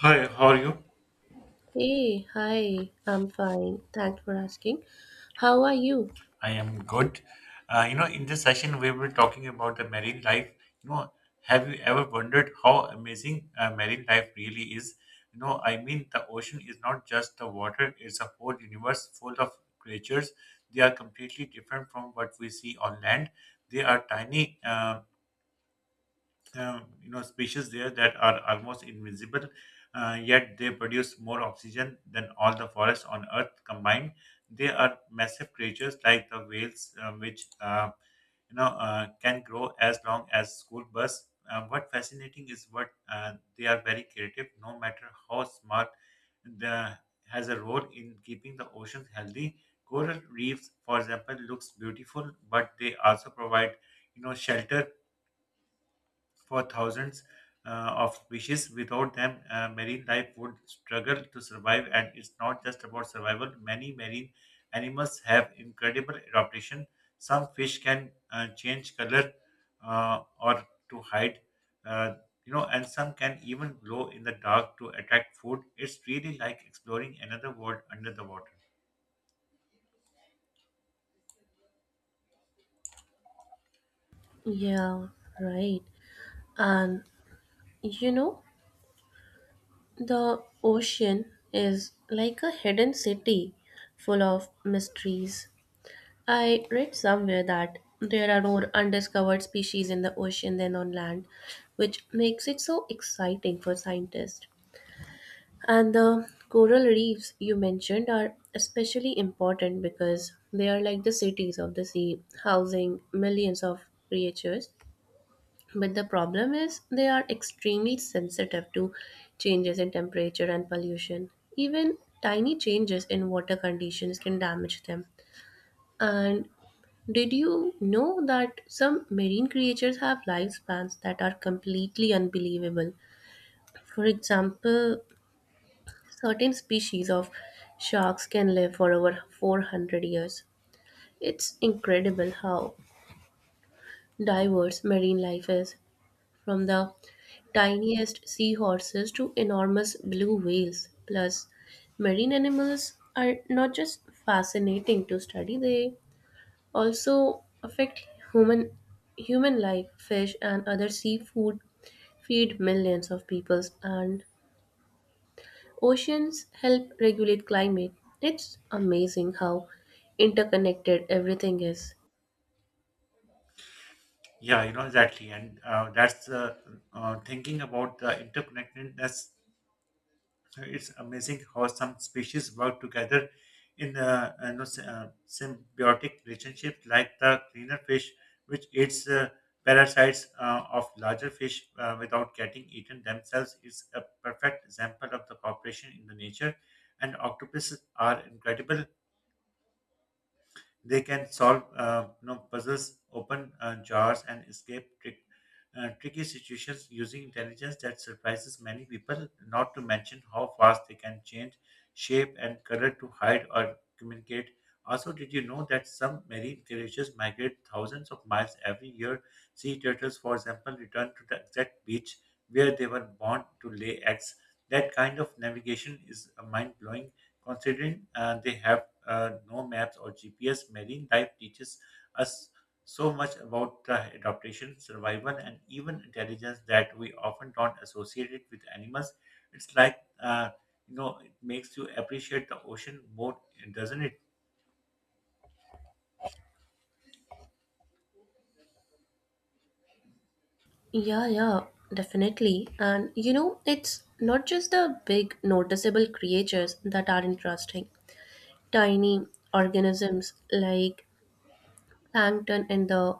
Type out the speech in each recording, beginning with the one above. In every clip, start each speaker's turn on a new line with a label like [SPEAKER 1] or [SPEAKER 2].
[SPEAKER 1] Hi, how are you?
[SPEAKER 2] Hey, hi, I'm fine. Thanks for asking. How are you?
[SPEAKER 1] I am good. You know, in this session, we were talking about the marine life. You know, have you ever wondered how amazing marine life really is? You know, I mean, the ocean is not just the water, it's a whole universe full of creatures. They are completely different from what we see on land. They are tiny. You know species there that are almost invisible, yet they produce more oxygen than all the forests on earth combined. They are massive creatures like the whales, which can grow as long as school bus. What fascinating is what they are very creative. No matter how smart, the has a role in keeping the oceans healthy. Coral reefs, for example, looks beautiful, but they also provide, shelter for thousands of species. Without them, marine life would struggle to survive, and it's not just about survival. Many marine animals have incredible adaptation. Some fish can change color, or to hide, uh, and some can even glow in the dark to attract food. It's really like exploring another world under the water.
[SPEAKER 2] Yeah, right. And you know, the ocean is like a hidden city full of mysteries. I read somewhere that there are more undiscovered species in the ocean than on land, which makes it so exciting for scientists. And the coral reefs you mentioned are especially important because they are like the cities of the sea, housing millions of creatures. But the problem is they are extremely sensitive to changes in temperature and pollution. Even tiny changes in water conditions can damage them. And did you know that some marine creatures have lifespans that are completely unbelievable? For example, certain species of sharks can live for over 400 years. It's incredible how diverse marine life is, from the tiniest seahorses to enormous blue whales. Plus, marine animals are not just fascinating to study, they also affect human human life. Fish and other seafood feed millions of people, and oceans help regulate climate. It's amazing how interconnected everything is.
[SPEAKER 1] Yeah, you know exactly, and that's thinking about the interconnectedness. So it's amazing how some species work together in a, you know, symbiotic relationship, like the cleaner fish, which eats parasites of larger fish without getting eaten themselves, is a perfect example of the cooperation in the nature. And octopuses are incredible. They can solve, puzzles, open jars, and escape tricky situations using intelligence that surprises many people, not to mention how fast they can change shape and color to hide or communicate. Also, did you know that some marine creatures migrate thousands of miles every year? Sea turtles, for example, return to the exact beach where they were born to lay eggs. That kind of navigation is mind blowing. Considering they have no maps or GPS, marine life teaches us so much about the adaptation, survival, and even intelligence that we often don't associate it with animals. It's like, uh, it makes you appreciate the ocean more, doesn't it?
[SPEAKER 2] Yeah, yeah, definitely. And you know, it's not just the big noticeable creatures that are interesting. Tiny organisms like plankton in the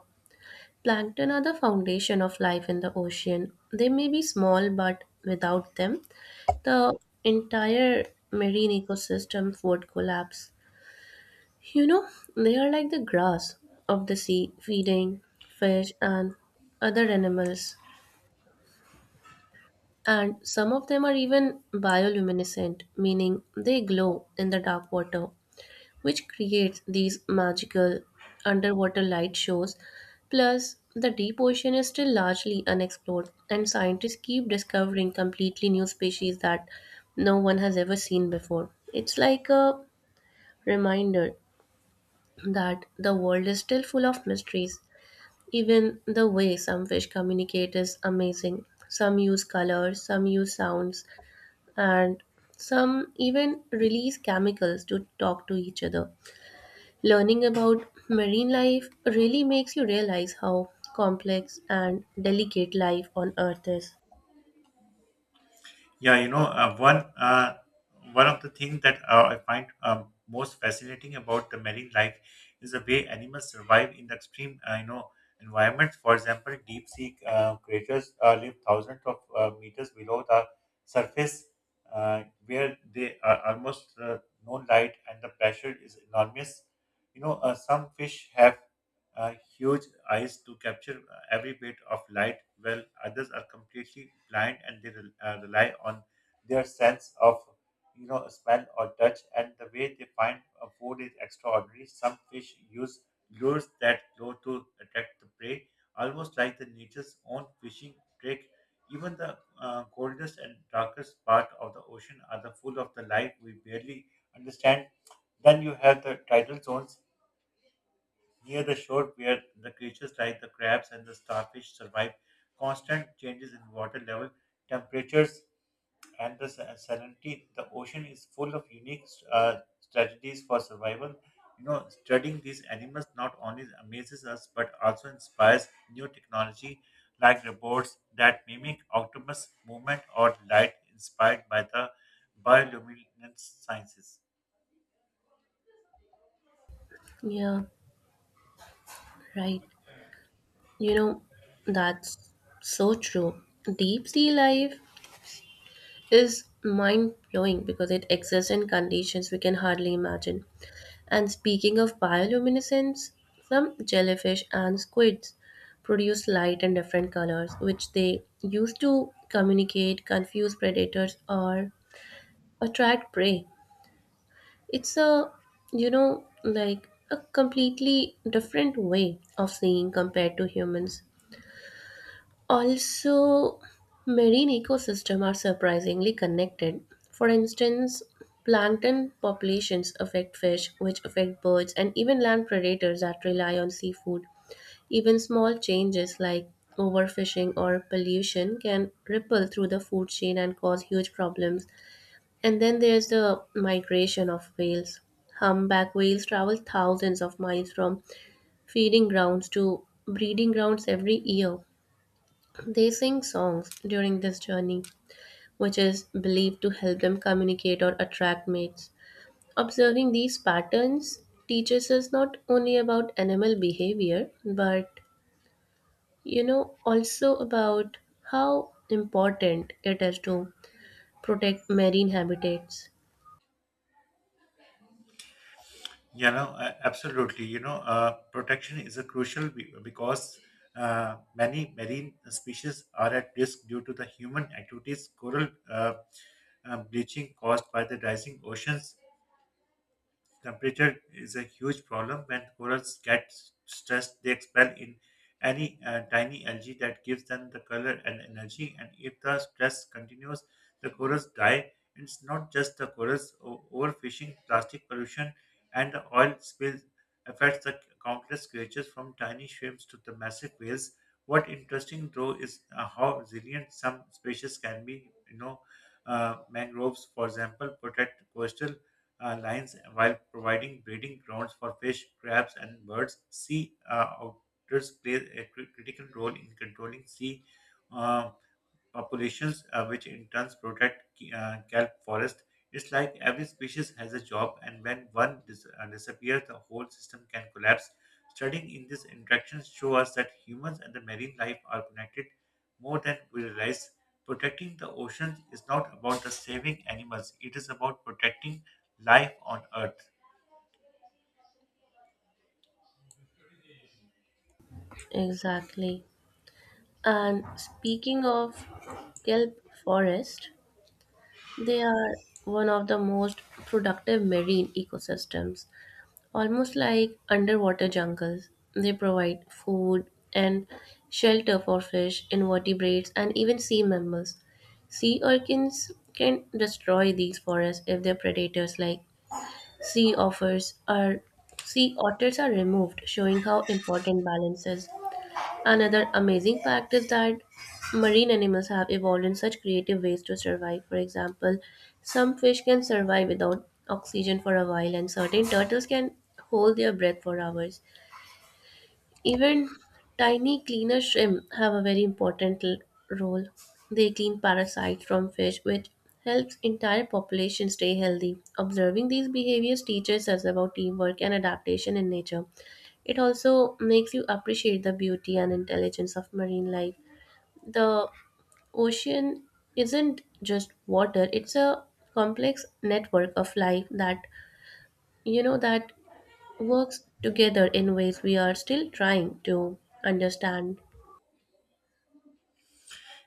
[SPEAKER 2] plankton are the foundation of life in the ocean. They may be small, but without them, the entire marine ecosystem would collapse. You know, they are like the grass of the sea, feeding fish and other animals. And some of them are even bioluminescent, meaning they glow in the dark water, which creates these magical underwater light shows. Plus, the deep ocean is still largely unexplored, and scientists keep discovering completely new species that no one has ever seen before. It's like a reminder that the world is still full of mysteries. Even the way some fish communicate is amazing. Some use colors, some use sounds, and some even release chemicals to talk to each other. Learning about marine life really makes you realize how complex and delicate life on Earth is.
[SPEAKER 1] Yeah, you know, one of the things that I find most fascinating about the marine life is the way animals survive in the extreme, environments. For example, deep sea creatures live thousands of meters below the surface, where they are almost no light and the pressure is enormous. You know, some fish have huge eyes to capture every bit of light, while others are completely blind and they rely on their sense of, you know, smell or touch. And the way they find food is extraordinary. Some fish use lures that glow to attract the prey, almost like the nature's own fishing trick. Even the coldest and darkest part of the ocean are the full of the light we barely understand. Then you have the tidal zones near the shore where the creatures like the crabs and the starfish survive constant changes in water level, temperatures, and the salinity. The ocean is full of unique strategies for survival. You know, studying these animals not only amazes us but also inspires new technology like robots that mimic octopus movement or light inspired by the bioluminescence sciences.
[SPEAKER 2] Yeah, right. You know, that's so true. Deep sea life is mind blowing because it exists in conditions we can hardly imagine. And speaking of bioluminescence, some jellyfish and squids produce light in different colors, which they use to communicate, confuse predators, or attract prey. It's a, you know, like a completely different way of seeing compared to humans. Also, marine ecosystems are surprisingly connected. For instance, plankton populations affect fish, which affect birds, and even land predators that rely on seafood. Even small changes like overfishing or pollution can ripple through the food chain and cause huge problems. And then there's the migration of whales. Humpback whales travel thousands of miles from feeding grounds to breeding grounds every year. They sing songs during this journey, which is believed to help them communicate or attract mates. Observing these patterns teaches us not only about animal behavior, but you know, also about how important it is to protect marine habitats.
[SPEAKER 1] Yeah, no, absolutely. You know, protection is a crucial because many marine species are at risk due to the human activities. Coral bleaching caused by the rising oceans, temperature is a huge problem. When corals get stressed, they expel in any tiny algae that gives them the color and energy. And if the stress continues, the corals die. It's not just the corals. Overfishing, plastic pollution, and the oil spill affects the countless creatures from tiny shrimps to the massive whales. What interesting though is how resilient some species can be. You know, mangroves, for example, protect coastal lines while providing breeding grounds for fish, crabs, and birds. Sea otters play a critical role in controlling sea uh, populations, which in turn protect kelp forest. It's like every species has a job, and when one disappears, the whole system can collapse. Studying in these interactions show us that humans and the marine life are connected more than we realize. Protecting the oceans is not about the saving animals; it is about protecting life on Earth.
[SPEAKER 2] Exactly. And speaking of kelp forest, they are one of the most productive marine ecosystems, almost like underwater jungles. They provide food and shelter for fish, invertebrates, and even sea mammals. Sea urchins can destroy these forests if their predators like sea offers are sea otters are removed, showing how important balance is. Another amazing fact is that marine animals have evolved in such creative ways to survive. For example, some fish can survive without oxygen for a while, and certain turtles can hold their breath for hours. Even tiny cleaner shrimp have a very important role. They clean parasites from fish, which helps entire population stay healthy. Observing these behaviors teaches us about teamwork and adaptation in nature. It also makes you appreciate the beauty and intelligence of marine life. The ocean isn't just water, it's a complex network of life that you know that works together in ways we are still trying to understand.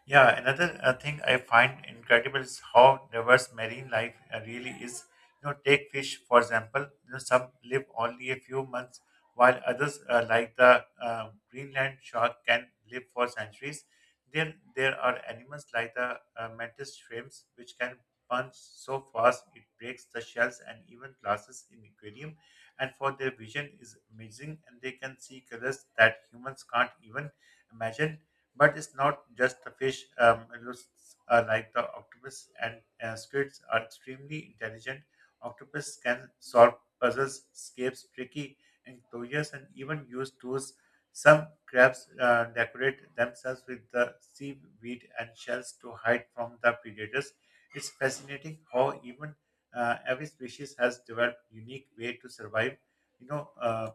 [SPEAKER 1] Yeah, another thing I find incredible is how diverse marine life really is. You know, take fish for example. You know, some live only a few months, while others, like the Greenland shark, can live for centuries. Then there are animals like the mantis shrimps, which can punch so fast it breaks the shells and even glasses in aquarium. And for their vision is amazing, and they can see colors that humans can't even imagine. But it's not just the fish. Mollusks are like the octopus and squids are extremely intelligent. Octopus can solve puzzles, escape tricky enclosures, and even use tools. Some crabs decorate themselves with the seaweed and shells to hide from the predators. It's fascinating how even every species has developed unique way to survive. You know,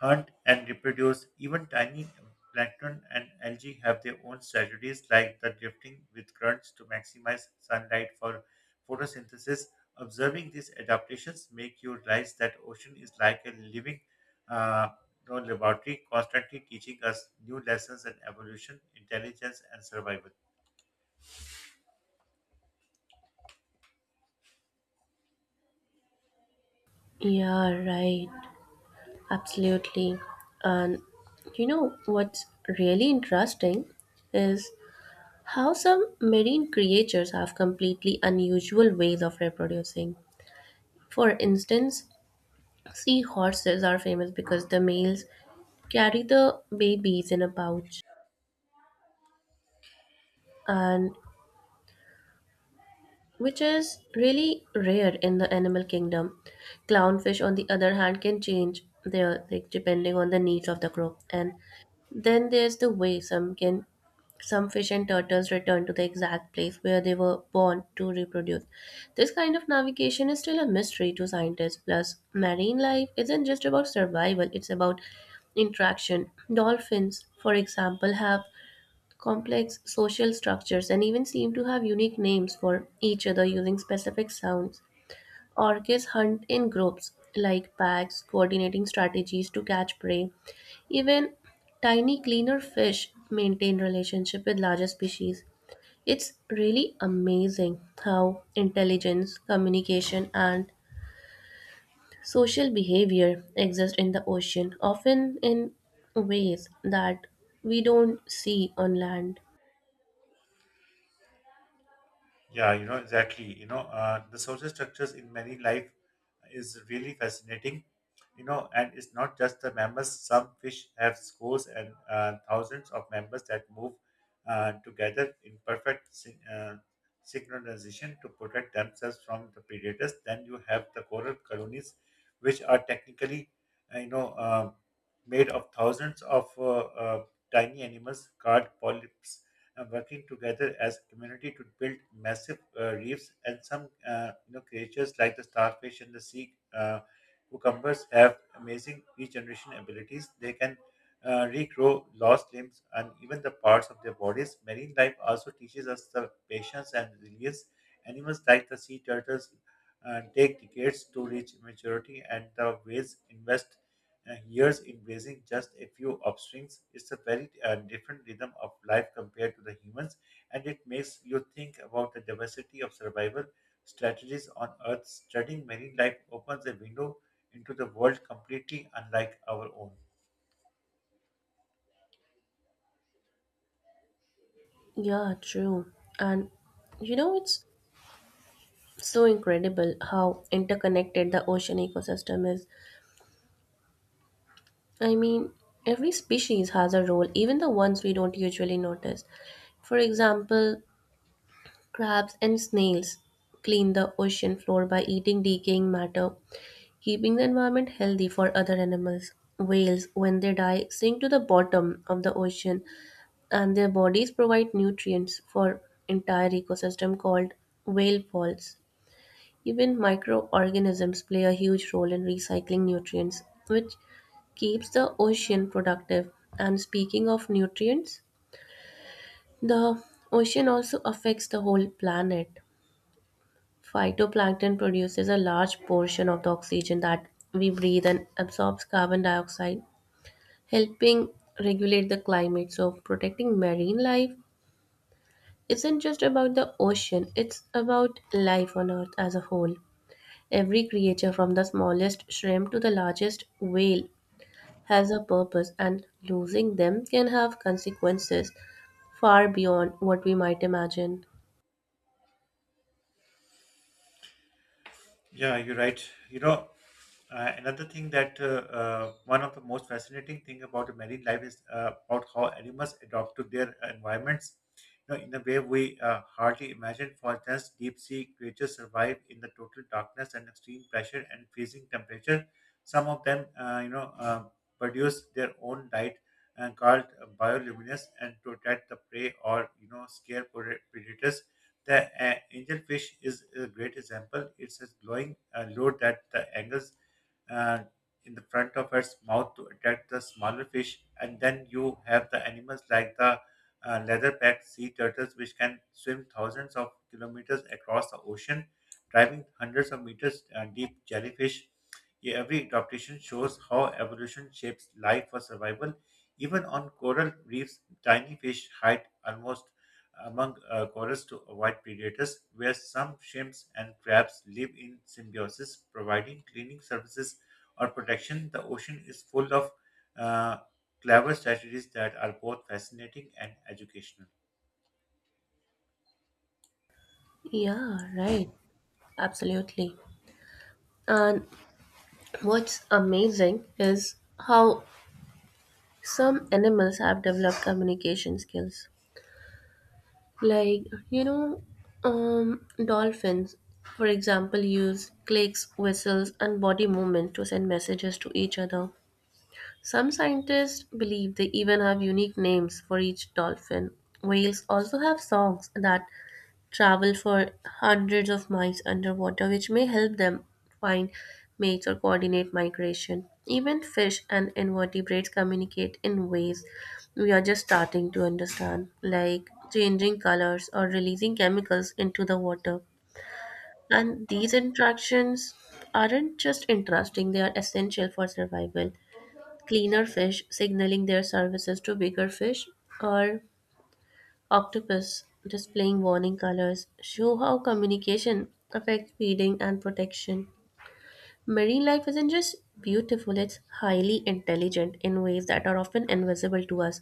[SPEAKER 1] hunt and reproduce. Even tiny plankton and algae have their own strategies, like the drifting with currents to maximize sunlight for photosynthesis. Observing these adaptations make you realize that ocean is like a living, uh, you know, laboratory, constantly teaching us new lessons in evolution, intelligence, and survival.
[SPEAKER 2] Yeah, right. Absolutely. And you know what's really interesting is how some marine creatures have completely unusual ways of reproducing. For instance, sea horses are famous because the males carry the babies in a pouch, and which is really rare in the animal kingdom. Clownfish, on the other hand, can change their like depending on the needs of the group, and then there's the way some can some fish and turtles return to the exact place where they were born to reproduce. This kind of navigation is still a mystery to scientists. Plus, marine life isn't just about survival, it's about interaction. Dolphins, for example, have complex social structures and even seem to have unique names for each other using specific sounds. Orcas hunt in groups, like packs, coordinating strategies to catch prey. Even tiny, cleaner fish maintain relationship with larger species. It's really amazing how intelligence, communication, and social behavior exist in the ocean, often in ways that we don't see on land.
[SPEAKER 1] Yeah, you know, exactly. You know, the social structures in many life is really fascinating. You know, and it's not just the members. Some fish have scores and thousands of members that move together in perfect synchronization to protect themselves from the predators. Then you have the coral colonies, which are technically, uh, you know, uh, made of thousands of tiny animals, called polyps and working together as a community to build massive reefs. And some, you know, creatures like the starfish and the sea cucumbers have amazing regeneration abilities. They can regrow lost limbs and even the parts of their bodies. Marine life also teaches us the patience and resilience. Animals like the sea turtles take decades to reach maturity, and the whales invest years embracing just a few offsprings. It's a very different rhythm of life compared to the humans, and it makes you think about the diversity of survival strategies on Earth. Studying marine life opens a window into the world completely unlike our own.
[SPEAKER 2] Yeah, true. And you know, it's so incredible how interconnected the ocean ecosystem is. I mean, every species has a role, even the ones we don't usually notice. For example, crabs and snails clean the ocean floor by eating decaying matter, keeping the environment healthy for other animals. Whales, when they die, sink to the bottom of the ocean, and their bodies provide nutrients for entire ecosystem called whale falls. Even microorganisms play a huge role in recycling nutrients, which keeps the ocean productive. And speaking of nutrients, the ocean also affects the whole planet. Phytoplankton produces a large portion of the oxygen that we breathe and absorbs carbon dioxide, helping regulate the climate. So, protecting marine life isn't just about the ocean, it's about life on Earth as a whole. Every creature, from the smallest shrimp to the largest whale, has a purpose, and losing them can have consequences far beyond what we might imagine.
[SPEAKER 1] Yeah, you're right. You know, another thing that one of the most fascinating thing about the marine life is about how animals adapt to their environments. You know, in a way we hardly imagine. For instance, deep sea creatures survive in the total darkness and extreme pressure and freezing temperature. Some of them, produce their own light and called bioluminescence and to attract the prey or, you know, scare predators. The angelfish is a great example. It's a glowing lure that the angles uh, in the front of its mouth to attract the smaller fish, and then you have the animals like the leatherback sea turtles, which can swim thousands of kilometers across the ocean, driving hundreds of meters deep jellyfish. Yeah. Every adaptation shows how evolution shapes life for survival. Even on coral reefs, tiny fish hide almost among corals to avoid predators, where some shrimps and crabs live in symbiosis, providing cleaning services or protection. The ocean is full of uh, clever strategies that are both fascinating and educational.
[SPEAKER 2] Yeah, right. Absolutely. And what's amazing is how some animals have developed communication skills. Like, you know, dolphins, for example, use clicks, whistles, and body movement to send messages to each other. Some scientists believe they even have unique names for each dolphin. Whales also have songs that travel for hundreds of miles underwater, which may help them find mates or coordinate migration. Even fish and invertebrates communicate in ways we are just starting to understand, like changing colors or releasing chemicals into the water. And these interactions aren't just interesting, they are essential for survival. Cleaner fish signaling their services to bigger fish, or octopus displaying warning colors show how communication affects feeding and protection. Marine life isn't just beautiful, it's highly intelligent in ways that are often invisible to us.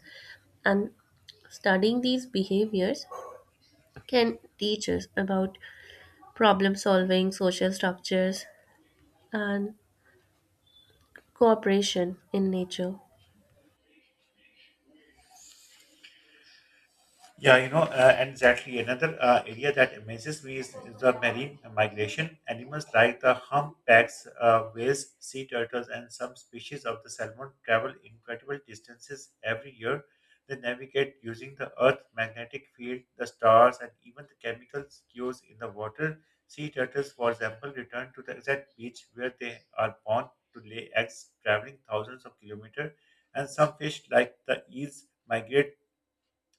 [SPEAKER 2] And studying these behaviors can teach us about problem solving, social structures, and cooperation in nature.
[SPEAKER 1] Yeah, you know, and exactly another area that amazes me is the marine migration. Animals like the humpbacks, whales, sea turtles, and some species of the salmon travel incredible distances every year. They navigate using the Earth's magnetic field, the stars, and even the chemical cues in the water. Sea turtles, for example, return to the exact beach where they are born to lay eggs, traveling thousands of kilometers. And some fish, like the eels, migrate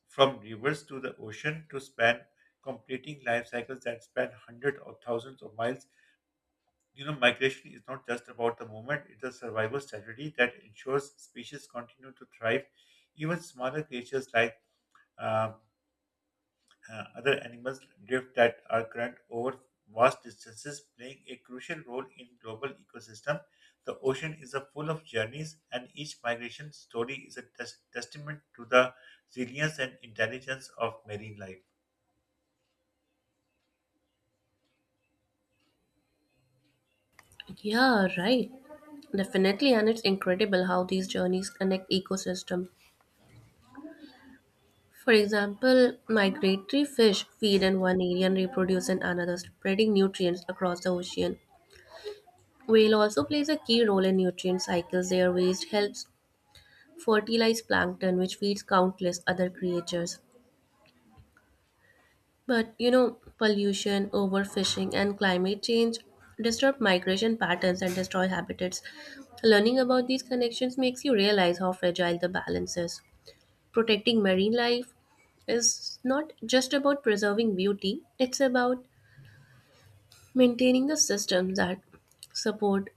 [SPEAKER 1] from rivers to the ocean to span, completing life cycles that span hundreds or thousands of miles. You know, migration is not just about the movement, it's a survival strategy that ensures species continue to thrive. Even smaller creatures like, uh, other animals drift that are current over vast distances, playing a crucial role in global ecosystem. The ocean is a full of journeys, and each migration story is a testament to the resilience and intelligence of marine life.
[SPEAKER 2] Yeah, right. Definitely, and it's incredible how these journeys connect ecosystem. For example, migratory fish feed in one area and reproduce in another, spreading nutrients across the ocean. Whale also plays a key role in nutrient cycles. Their waste helps fertilize plankton, which feeds countless other creatures. But you know, pollution, overfishing, and climate change disrupt migration patterns and destroy habitats. Learning about these connections makes you realize how fragile the balance is. Protecting marine life is not just about preserving beauty, it's about maintaining the systems that support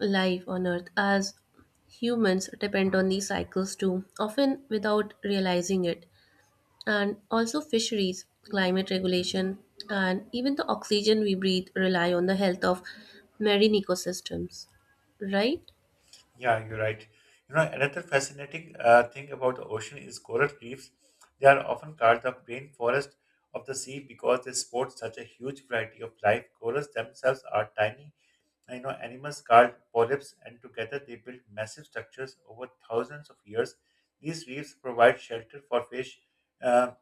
[SPEAKER 2] life on Earth, as humans depend on these cycles too, often without realizing it. And also, fisheries, climate regulation, and even the oxygen we breathe rely on the health of marine ecosystems, right?
[SPEAKER 1] Yeah, you're right. You know, another fascinating thing about the ocean is coral reefs. They are often called the rainforest of the sea because they sport such a huge variety of life. Corals themselves are tiny, you know, animals called polyps, and together they build massive structures over thousands of years. These reefs provide shelter for fish, uh,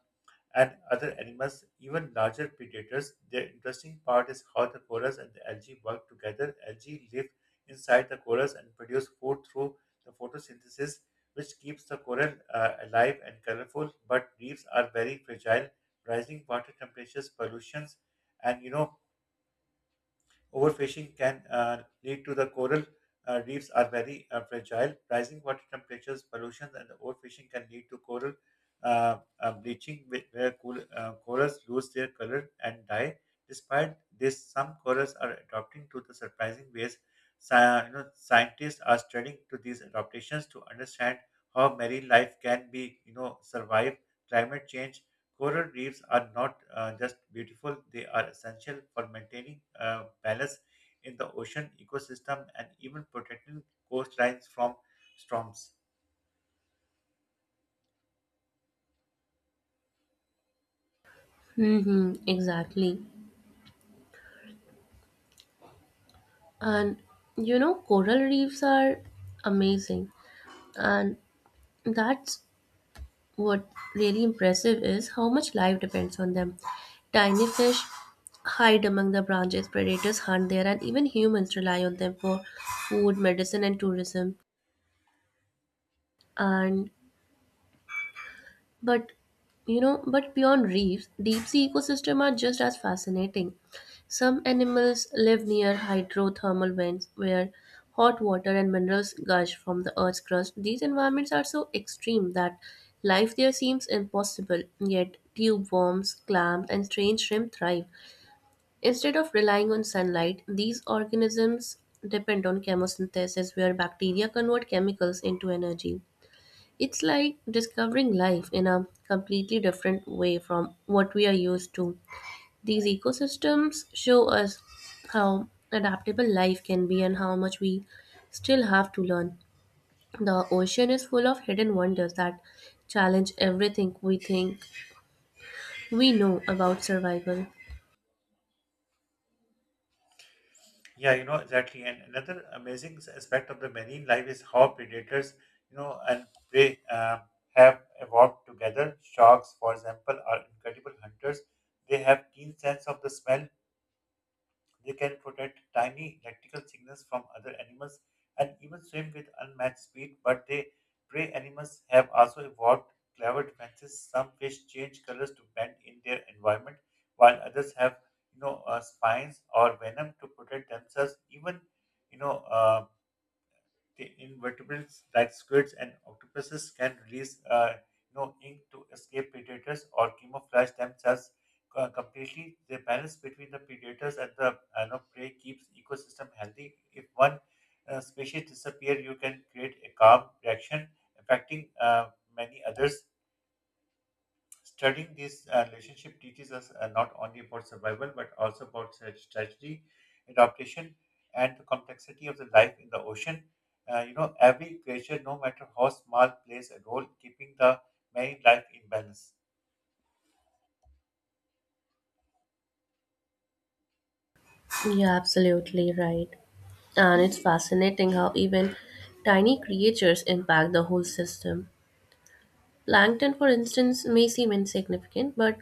[SPEAKER 1] and other animals, even larger predators. The interesting part is how the corals and the algae work together. Algae live inside the corals and produce food through the photosynthesis, which keeps the coral alive and colorful. But reefs are very fragile. Rising water temperatures, pollutions, and you know Overfishing can lead to the coral Reefs are very fragile. Rising water temperatures, pollution, and overfishing can lead to coral bleaching, where cool, corals lose their color and die. Despite this, some corals are adapting to the surprising ways. Sci- you know, scientists are studying to these adaptations to understand how marine life can be, you know, survive climate change. Coral reefs are not just beautiful, they are essential for maintaining balance in the ocean ecosystem and even protecting coastlines from storms.
[SPEAKER 2] Mm-hmm, exactly. And you know, coral reefs are amazing. And that's what really impressive is how much life depends on them. Tiny fish hide among the branches, predators hunt there, and even humans rely on them for food, medicine, and tourism. And but you know, but beyond reefs, deep sea ecosystems are just as fascinating. Some animals live near hydrothermal vents where hot water and minerals gush from the earth's crust. These environments are so extreme that life there seems impossible, yet tube worms, clams, and strange shrimp thrive. Instead of relying on sunlight, these organisms depend on chemosynthesis where bacteria convert chemicals into energy. It's like discovering life in a completely different way from what we are used to. These ecosystems show us how adaptable life can be and how much we still have to learn. The ocean is full of hidden wonders that challenge everything we think we know about survival.
[SPEAKER 1] Yeah, you know, exactly. And another amazing aspect of the marine life is how predators, you know, and prey have evolved together. Sharks, for example, are incredible hunters. They have keen sense of the smell. They can protect tiny electrical signals from other animals and even swim with unmatched speed, but they prey animals have also evolved clever defenses. Some fish change colors to blend in their environment, while others have spines or venom to protect themselves. Even you know uh, the invertebrates like squids and octopuses can release ink to escape predators or camouflage themselves completely. The balance between the predators and the prey keeps ecosystem healthy. If one species disappear, you can create a calm reaction affecting many others. Studying this relationship teaches us not only about survival but also about tragedy, adaptation, and the complexity of the life in the ocean. You know, every creature, no matter how small, plays a role keeping the marine life in balance.
[SPEAKER 2] Yeah, absolutely right. And it's fascinating how even tiny creatures impact the whole system. Plankton, for instance, may seem insignificant, but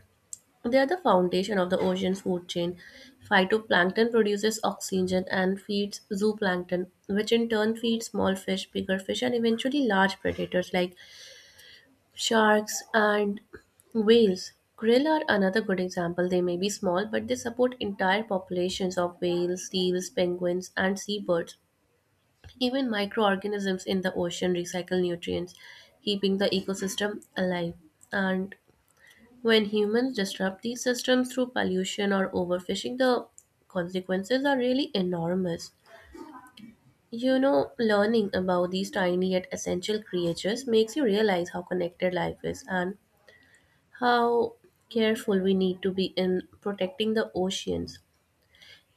[SPEAKER 2] they are the foundation of the ocean food chain. Phytoplankton produces oxygen and feeds zooplankton, which in turn feeds small fish, bigger fish, and eventually large predators like sharks and whales. Krill are another good example. They may be small, but they support entire populations of whales, seals, penguins, and seabirds. Even microorganisms in the ocean recycle nutrients, keeping the ecosystem alive. And when humans disrupt these systems through pollution or overfishing, the consequences are really enormous. You know, learning about these tiny yet essential creatures makes you realize how connected life is and how careful we need to be in protecting the oceans.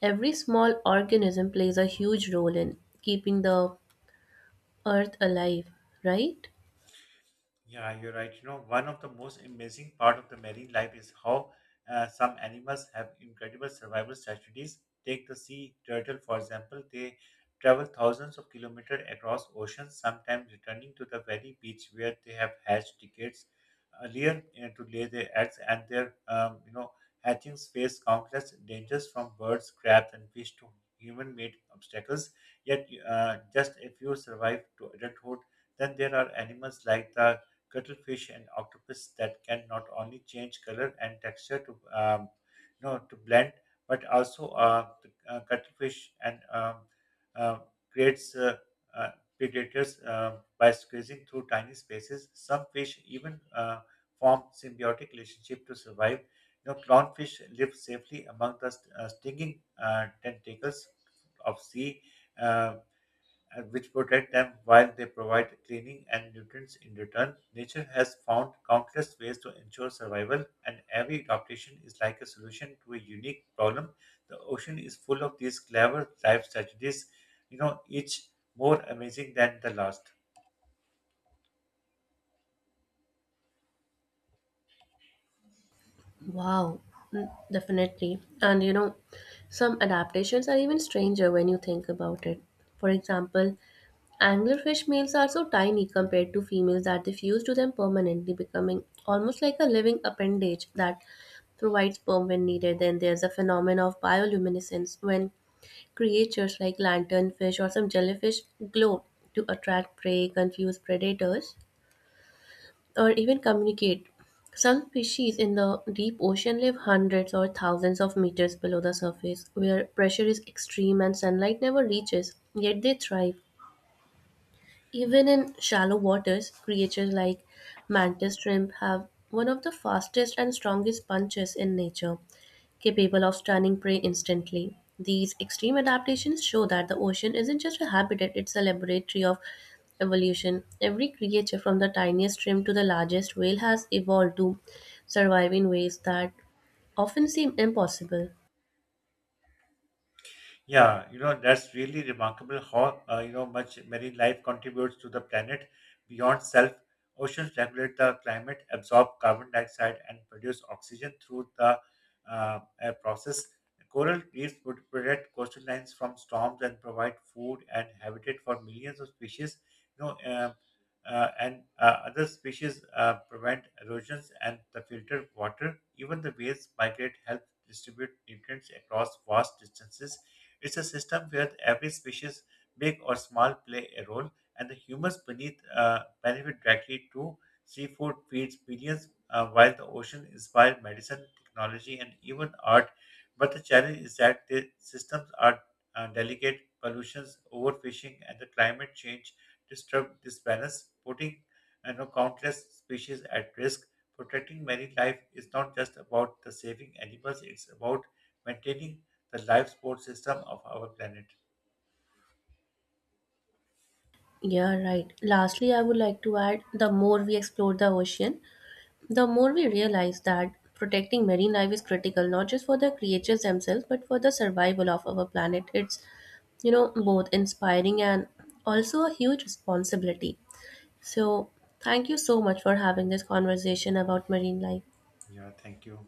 [SPEAKER 2] Every small organism plays a huge role in keeping the earth alive, right?
[SPEAKER 1] Yeah, you're right. You know, one of the most amazing part of the marine life is how some animals have incredible survival strategies. Take the sea turtle, for example. They travel thousands of kilometers across oceans, sometimes returning to the very beach where they have hatched decades earlier to lay their eggs. And their, you know, hatchings face countless dangers from birds, crabs, and fish to human-made obstacles. Yet, just a few survive to adulthood. Then there are animals like the cuttlefish and octopus that can not only change color and texture to you know to blend, but also the cuttlefish and uh, creates uh, predators by squeezing through tiny spaces. Some fish even form symbiotic relationship to survive. You know, clownfish live safely among the stinging tentacles of sea uh, and which protect them while they provide cleaning and nutrients in return. Nature has found countless ways to ensure survival, and every adaptation is like a solution to a unique problem. The ocean is full of these clever life strategies, you know, each more amazing than the last.
[SPEAKER 2] Wow, mm, definitely. And you know, some adaptations are even stranger when you think about it. For example, anglerfish males are so tiny compared to females that they fuse to them permanently, becoming almost like a living appendage that provides sperm when needed. Then there's a phenomenon of bioluminescence when creatures like lanternfish or some jellyfish glow to attract prey, confuse predators, or even communicate. Some species in the deep ocean live hundreds or thousands of meters below the surface, where pressure is extreme and sunlight never reaches, yet they thrive. Even in shallow waters, creatures like mantis shrimp have one of the fastest and strongest punches in nature, capable of stunning prey instantly. These extreme adaptations show that the ocean isn't just a habitat, it's a laboratory of evolution. Every creature, from the tiniest shrimp to the largest whale, has evolved to survive in ways that often seem impossible.
[SPEAKER 1] Yeah, you know, that's really remarkable how, you know, much marine life contributes to the planet beyond self. Oceans regulate the climate, absorb carbon dioxide, and produce oxygen through the process. Coral reefs would protect coastal lines from storms and provide food and habitat for millions of species. You know, and Other species prevent erosions and the filter water. Even the whales migrate, help distribute nutrients across vast distances. It's a system where every species, big or small, play a role, and the humans beneath benefit directly too. Seafood feeds billions, while the ocean inspires medicine, technology, and even art. But the challenge is that the systems are delicate. Pollutions, overfishing, and the climate change disturb this balance, putting countless species at risk. Protecting marine life is not just about the saving animals, it's about maintaining the life support system of our planet.
[SPEAKER 2] Yeah, right. Lastly, I would like to add the more we explore the ocean, the more we realize that protecting marine life is critical not just for the creatures themselves but for the survival of our planet. It's you know both inspiring and also a huge responsibility. So, thank you so much for having this conversation about marine life.
[SPEAKER 1] Yeah, thank you.